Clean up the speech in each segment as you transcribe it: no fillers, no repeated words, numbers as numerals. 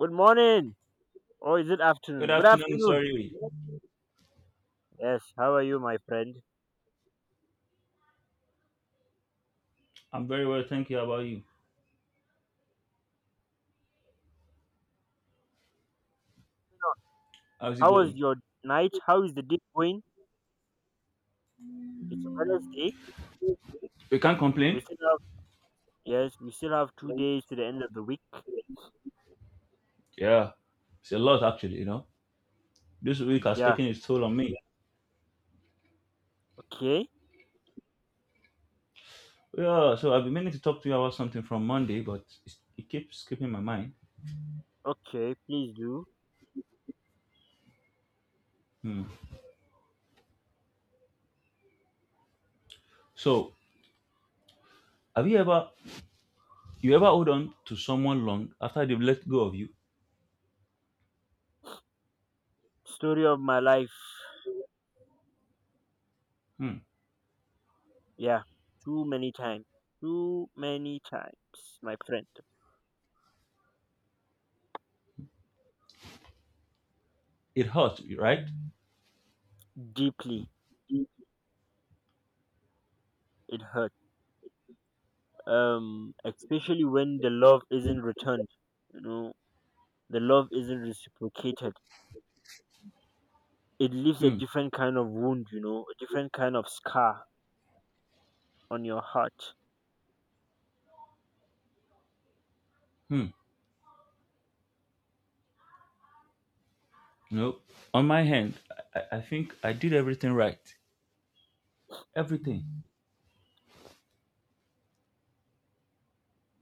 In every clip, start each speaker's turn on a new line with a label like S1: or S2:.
S1: Good morning. Or is it
S2: Good
S1: afternoon? Good
S2: afternoon,
S1: afternoon.
S2: sorry.
S1: Yes, how are you, my friend?
S2: I'm very well, thank you. How about you? How's it
S1: How was
S2: going?
S1: your night? How is the day going? It's Wednesday.
S2: We can't
S1: We
S2: complain.
S1: still have yes, we still have 2 days to the end of the week.
S2: Yeah, it's a lot actually, you know. This week has
S1: Yeah.
S2: taken its toll on me.
S1: Okay.
S2: Yeah, so I've been meaning to talk to you about something from Monday, but it keeps skipping my mind.
S1: Okay, please do.
S2: Hmm. So, have you ever hold on to someone long after they've let go of you?
S1: Story of my life.
S2: Hmm.
S1: Yeah. Too many times. Too many times, my friend.
S2: It hurts, right?
S1: Deeply it hurt. Especially when the love isn't returned. You know, the love isn't reciprocated, it leaves a
S2: Hmm.
S1: different kind of wound, you know, a different kind of scar on your heart.
S2: Hmm. No. On my hand, I think I did everything right. Everything.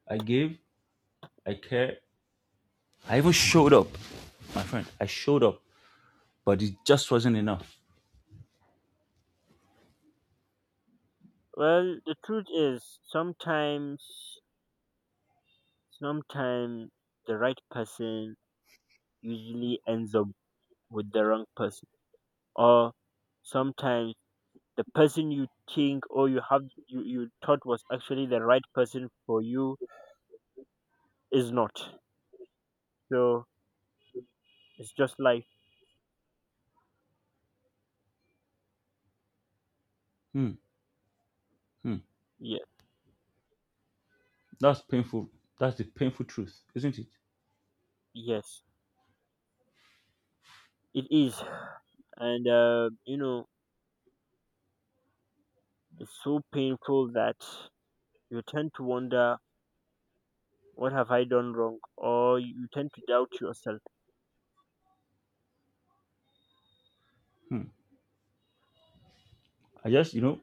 S2: I gave, I cared, I even showed up, my friend. I showed up, but it just wasn't enough.
S1: Well, the truth is, sometimes the right person usually ends up with the wrong person, or sometimes the person you think or you have you, you thought was actually the right person for you is not. So it's just like
S2: Hmm, hmm.
S1: yeah,
S2: That's painful. That's the painful truth, isn't it?
S1: yes, it is, and you know, it's so painful that you tend to wonder, what have I done wrong? Or you tend to doubt yourself.
S2: I just,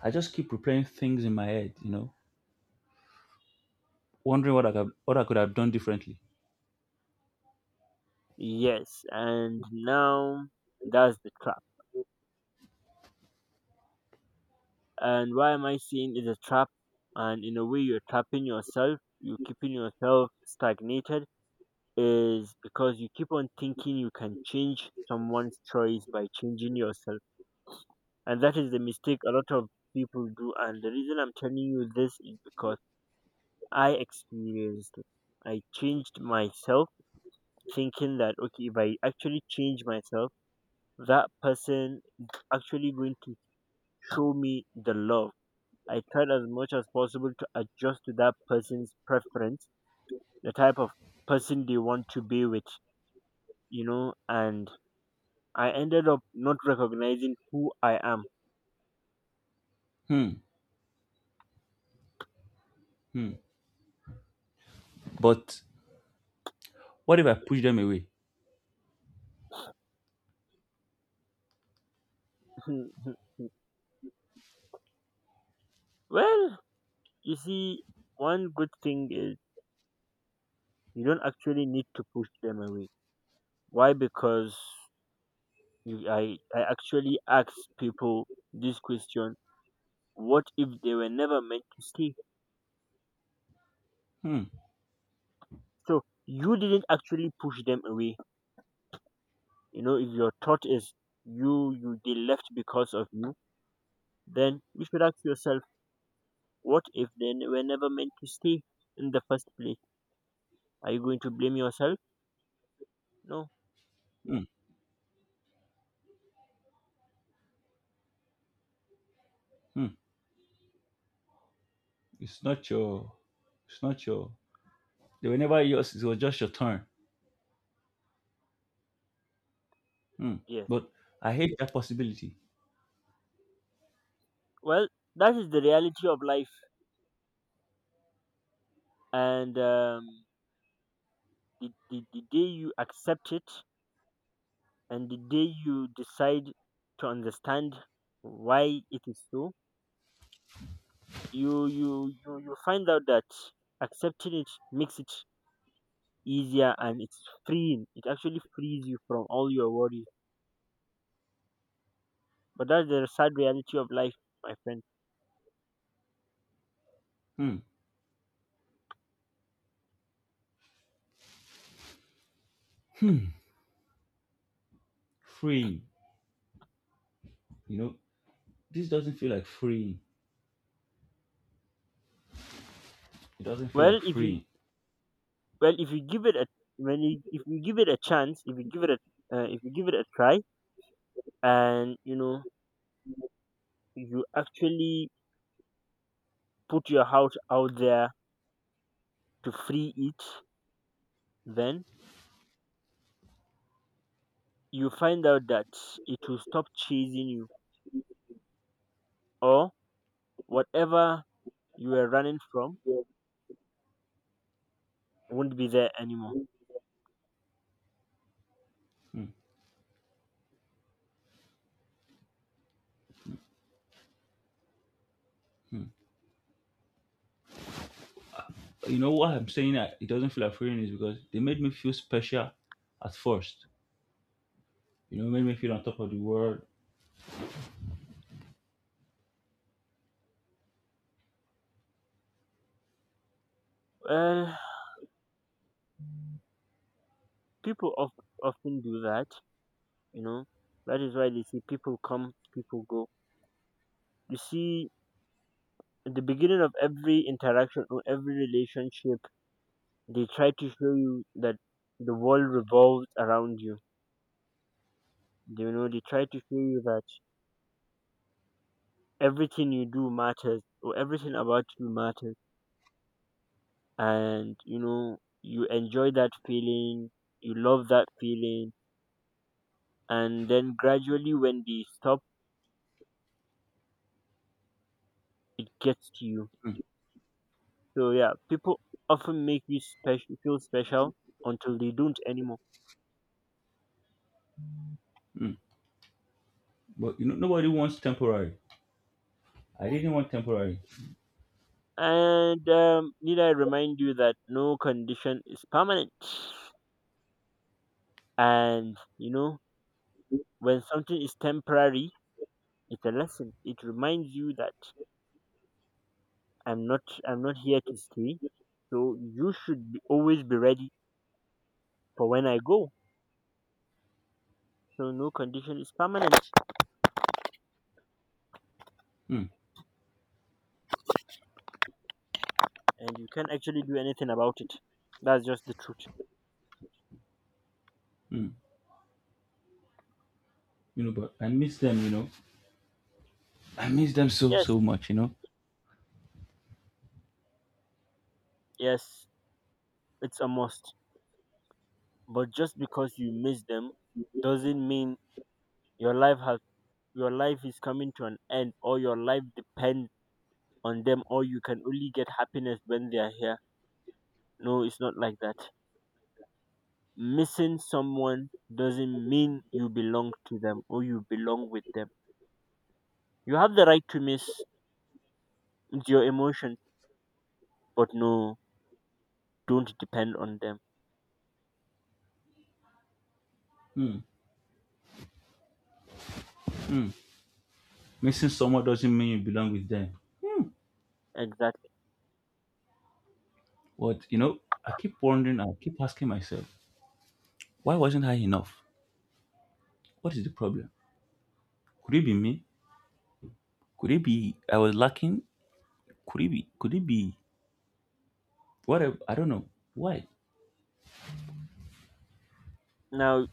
S2: I just keep replaying things in my head, wondering what what I could have done differently.
S1: Yes, and now that's the trap. And why am I saying it's a trap? And in a way, you're trapping yourself, you're keeping yourself stagnated, is because you keep on thinking you can change someone's choice by changing yourself. And that is the mistake a lot of people do. And the reason I'm telling you this is because I experienced it. I changed myself thinking that, okay, if I actually change myself, that person actually going to show me the love. I tried as much as possible to adjust to that person's preference, the type of person they want to be with, you know, and I ended up not recognizing who I am.
S2: Hmm, hmm. But what if I push them away?
S1: Well, you see, one good thing is you don't actually need to push them away. Why? Because I actually ask people this question, what if they were never meant to stay?
S2: Hmm,
S1: So you didn't actually push them away. You know, if your thought is you you they left because of you, then you should ask yourself, what if they were never meant to stay in the first place? Are you going to blame yourself? No.
S2: hmm, hmm. It's not your, it's not your. They were never yours. It was just your turn. Hmm.
S1: Yes.
S2: But I hate that possibility.
S1: Well, that is the reality of life, and the day you accept it, and the day you decide to understand why it is so, you find out that accepting it makes it easier and it's freeing. It actually frees you from all your worries. But that's the sad reality of life, my friend.
S2: Hmm. Freeing, you know, this doesn't feel like freeing. It doesn't feel
S1: Well,
S2: like
S1: if you
S2: freeing.
S1: well if you give it a when you, if you give it a chance, if you give it a if you give it a try, and you know you actually put your house out there to free it, then you find out that it will stop chasing you or whatever you were running from won't be there anymore.
S2: You know what I'm saying that it doesn't feel like freeing is because they made me feel special at first. You know, made me feel on top of the world.
S1: Well, people of, often do that, you know. That is why they see people come, people go. You see, at the beginning of every interaction or every relationship they try to show you that the world revolves around you. You know, they try to show you that everything you do matters or everything about you matters, and you know, you enjoy that feeling, you love that feeling, and then gradually when they stop, it gets to you. So yeah, people often make you special, feel special, until they don't anymore.
S2: Mm. But you know, nobody wants temporary. I didn't want temporary.
S1: And need I remind you that no condition is permanent. And you know, when something is temporary, it's a lesson. It reminds you that I'm not, I'm not here to stay. So you should always be ready for when I go. So no condition is permanent,
S2: Mm.
S1: and you can't actually do anything about it. That's just the truth.
S2: Mm. You know, but I miss them. You know, I miss them so
S1: Yes,
S2: so much. You know,
S1: yes, it's a must. But just because you miss them doesn't mean your life has your life is coming to an end or your life depends on them or you can only get happiness when they are here. No, it's not like that. Missing someone doesn't mean you belong to them or you belong with them. You have the right to miss your emotions, but no, don't depend on them.
S2: mm, missing someone doesn't mean you belong with them. Mm.
S1: Exactly.
S2: But you know, I keep wondering. I keep asking myself, why wasn't I enough? What is the problem? Could it be me? Could it be I was lacking? Could it be? Whatever? I don't know. Why?
S1: Now,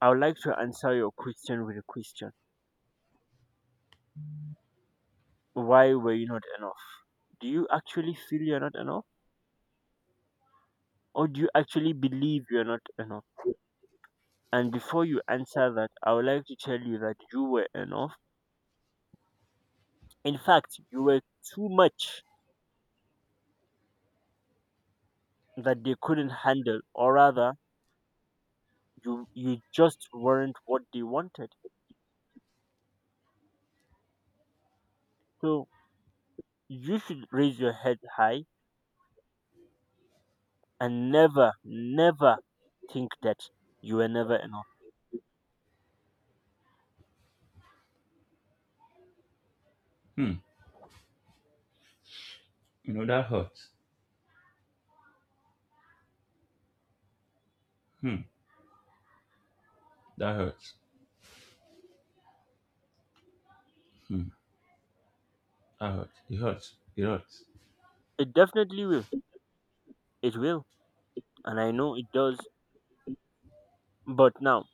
S1: I would like to answer your question with a question. Why were you not enough? Do you actually feel you're not enough? Or do you actually believe you're not enough? And before you answer that, I would like to tell you that you were enough. In fact, you were too much that they couldn't handle, or rather, you just weren't what they wanted. So you should raise your head high and never, never think that you were never enough.
S2: Hmm. You know, that hurts. Hmm. That hurts. Hmm. That hurts. It hurts. It hurts.
S1: It definitely will. It will. And I know it does. But now,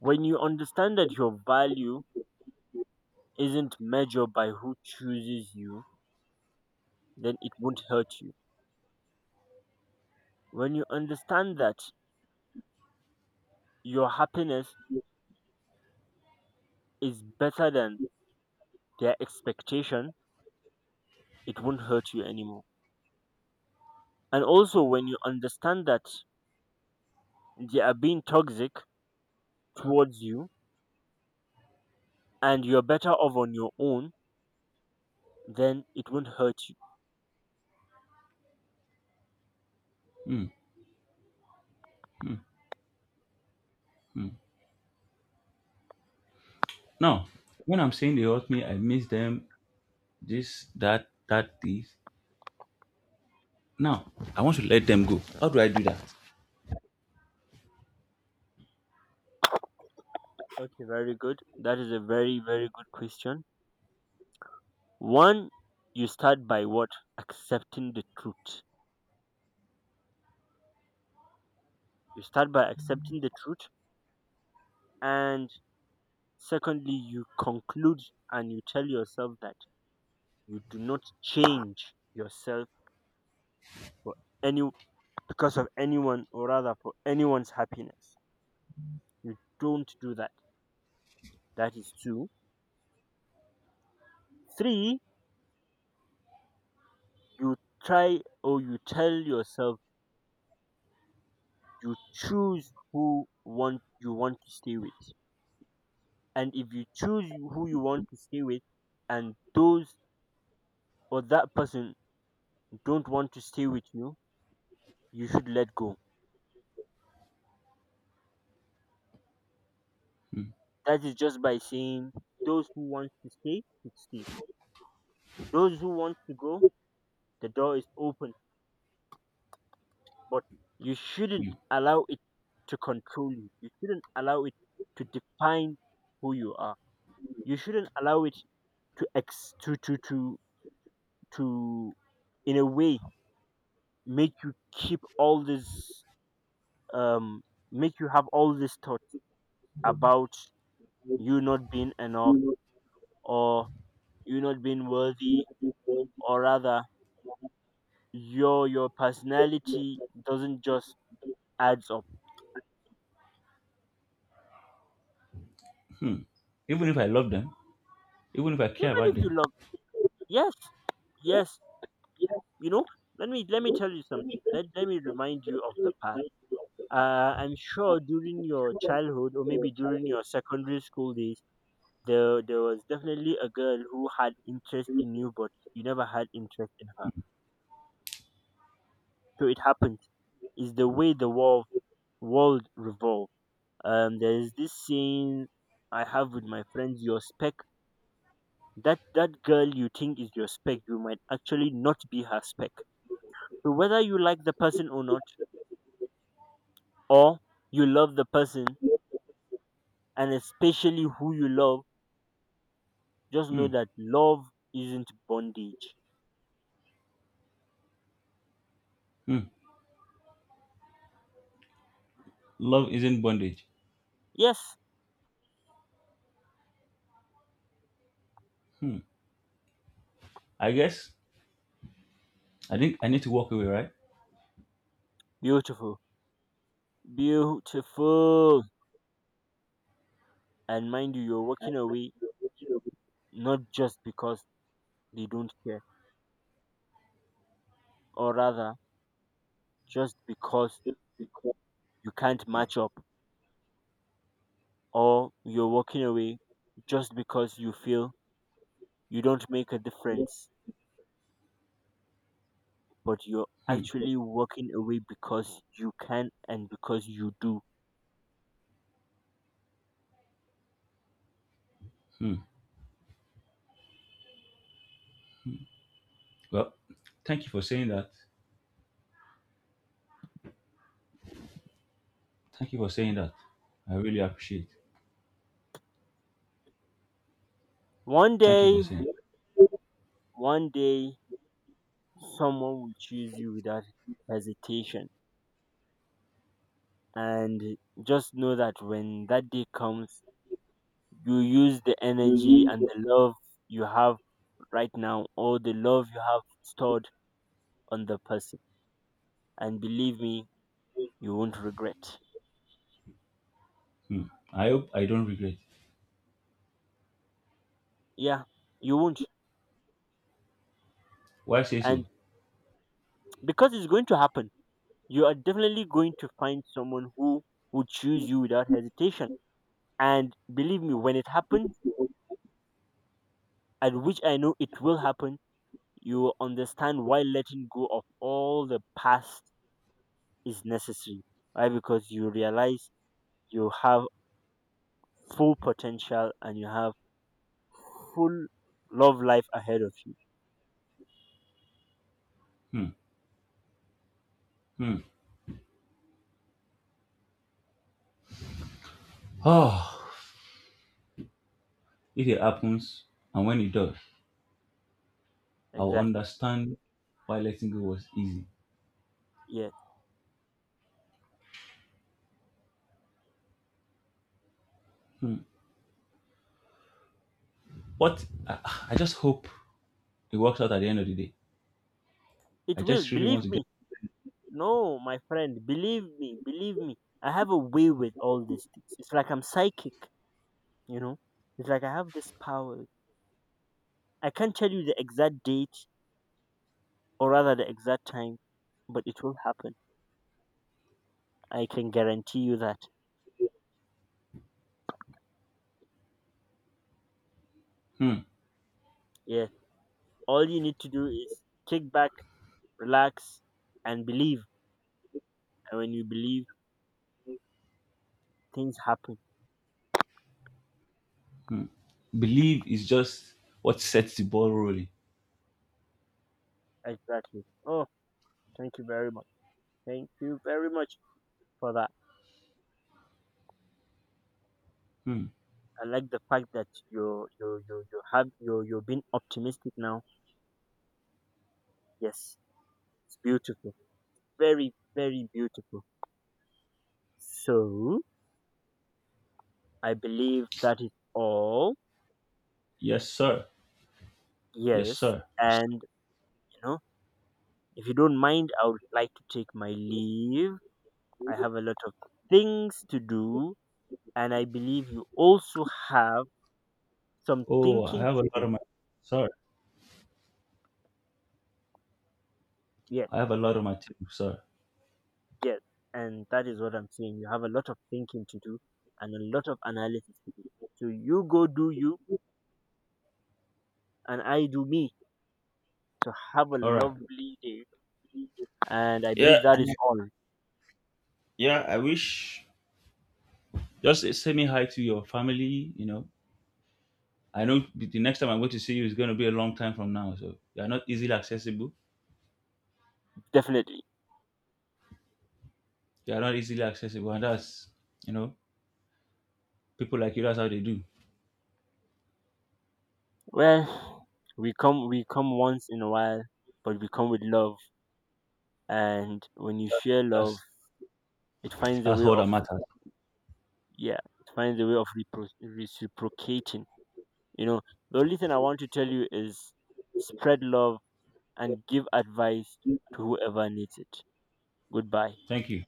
S1: when you understand that your value isn't measured by who chooses you, then it won't hurt you. When you understand that your happiness is better than their expectation, it won't hurt you anymore. And also, when you understand that they are being toxic towards you and you're better off on your own, then it won't hurt you.
S2: Hmm. Now, when I'm saying they hurt me, I miss them, this, that, that, this. Now, I want to let them go. How do I do that?
S1: Okay, very good. That is a very, very good question. One, you start by what? Accepting the truth. You start by accepting the truth. And secondly, you conclude and you tell yourself that you do not change yourself for any because of anyone or rather for anyone's happiness. You don't do that. That is two. Three, you try or you tell yourself you choose who want you want to stay with. And if you choose who you want to stay with and those or that person don't want to stay with you, you should let go. That is just by saying those who want to stay should stay. Those who want to go, the door is open, but you shouldn't
S2: Hmm.
S1: allow it to control you. You shouldn't allow it to define who you are. You shouldn't allow it to ex to in a way make you keep all this um make you have all these thoughts about you not being enough or you not being worthy, or rather your personality doesn't just adds up.
S2: Hmm. Even if I love them, even if I care
S1: Even
S2: about
S1: if you
S2: them.
S1: love, yes, yes. You know, let me tell you something. Let me remind you of the past. I'm sure during your childhood or maybe during your secondary school days, there was definitely a girl who had interest in you, but you never had interest in her. So it happens. It's the way the world revolves. There is this saying I have with my friends: your spec. That girl you think is your spec, you might actually not be her spec. So whether you like the person or not, or you love the person, and especially who you love, just know
S2: Hmm.
S1: that love isn't bondage.
S2: Hmm. Love isn't bondage.
S1: Yes,
S2: Hmm. I guess I think I need to walk away, right?
S1: beautiful, beautiful. And mind you, you're walking away not just because they don't care, or rather, just because you can't match up, or you're walking away just because you feel you don't make a difference, but you're
S2: Hmm.
S1: actually walking away because you can and because you do.
S2: Hmm. Well, thank you for saying that. Thank you for saying that. I really appreciate. It.
S1: One
S2: Thank you for
S1: day,
S2: saying. It.
S1: One day, someone will choose you without hesitation. And just know that when that day comes, you use the energy and the love you have right now, or the love you have stored on the person. And believe me, you won't regret.
S2: Hmm. I hope I don't regret.
S1: Yeah, you won't.
S2: Why say
S1: And
S2: so?
S1: because it's going to happen, you are definitely going to find someone who would choose you without hesitation. And believe me, when it happens, and which I know it will happen, you will understand why letting go of all the past is necessary. Why? Because you realize you have full potential and you have full love life ahead of you.
S2: Hmm. Hmm. Oh, if it happens, and when it does, I will
S1: Exactly.
S2: understand why letting go was easy.
S1: Yes.
S2: Hmm. But I just hope it works out at the end of the day. I
S1: It will.
S2: just really
S1: Believe
S2: want to get.
S1: me. No, my friend. Believe me. Believe me. I have a way with all these things. It's like I'm psychic, you know? It's like I have this power. I can't tell you the exact date or rather the exact time, but it will happen. I can guarantee you that.
S2: Hmm.
S1: Yes. All you need to do is kick back, relax, and believe. And when you believe, things happen.
S2: Believe is just what sets the ball rolling.
S1: Exactly. Oh, thank you very much. Thank you very much for that.
S2: Hmm.
S1: I like the fact that you're you you you have you you're being optimistic now. Yes, it's beautiful. Very very beautiful. So I believe that is all.
S2: Yes, sir. Yes,
S1: Yes,
S2: sir. Yes, sir.
S1: and you know, if you don't mind, I would like to take my leave. I have a lot of things to do and I believe you also have some
S2: Oh, I
S1: thinking
S2: have a
S1: to
S2: lot
S1: do.
S2: of my. Sir,
S1: Yes,
S2: I have a lot on my table, sir.
S1: yes. And that is what I'm saying. You have a lot of thinking to do and a lot of analysis to do. So you go do you and I do me. So have a
S2: All right.
S1: lovely day. And I
S2: Yeah.
S1: believe that is all.
S2: Yeah. I wish. Just say me hi to your family. You know, I know the next time I'm going to see you is going to be a long time from now. So you are not easily accessible.
S1: Definitely.
S2: You are not easily accessible, and that's, you know, people like you. That's how they do.
S1: Well, we come once in a while, but we come with love. And when you
S2: That,
S1: share love,
S2: that's
S1: it finds a
S2: that's
S1: way
S2: all
S1: of
S2: that matters.
S1: yeah, it finds a way of reciprocating. You know, the only thing I want to tell you is spread love and give advice to whoever needs it. Goodbye.
S2: Thank you.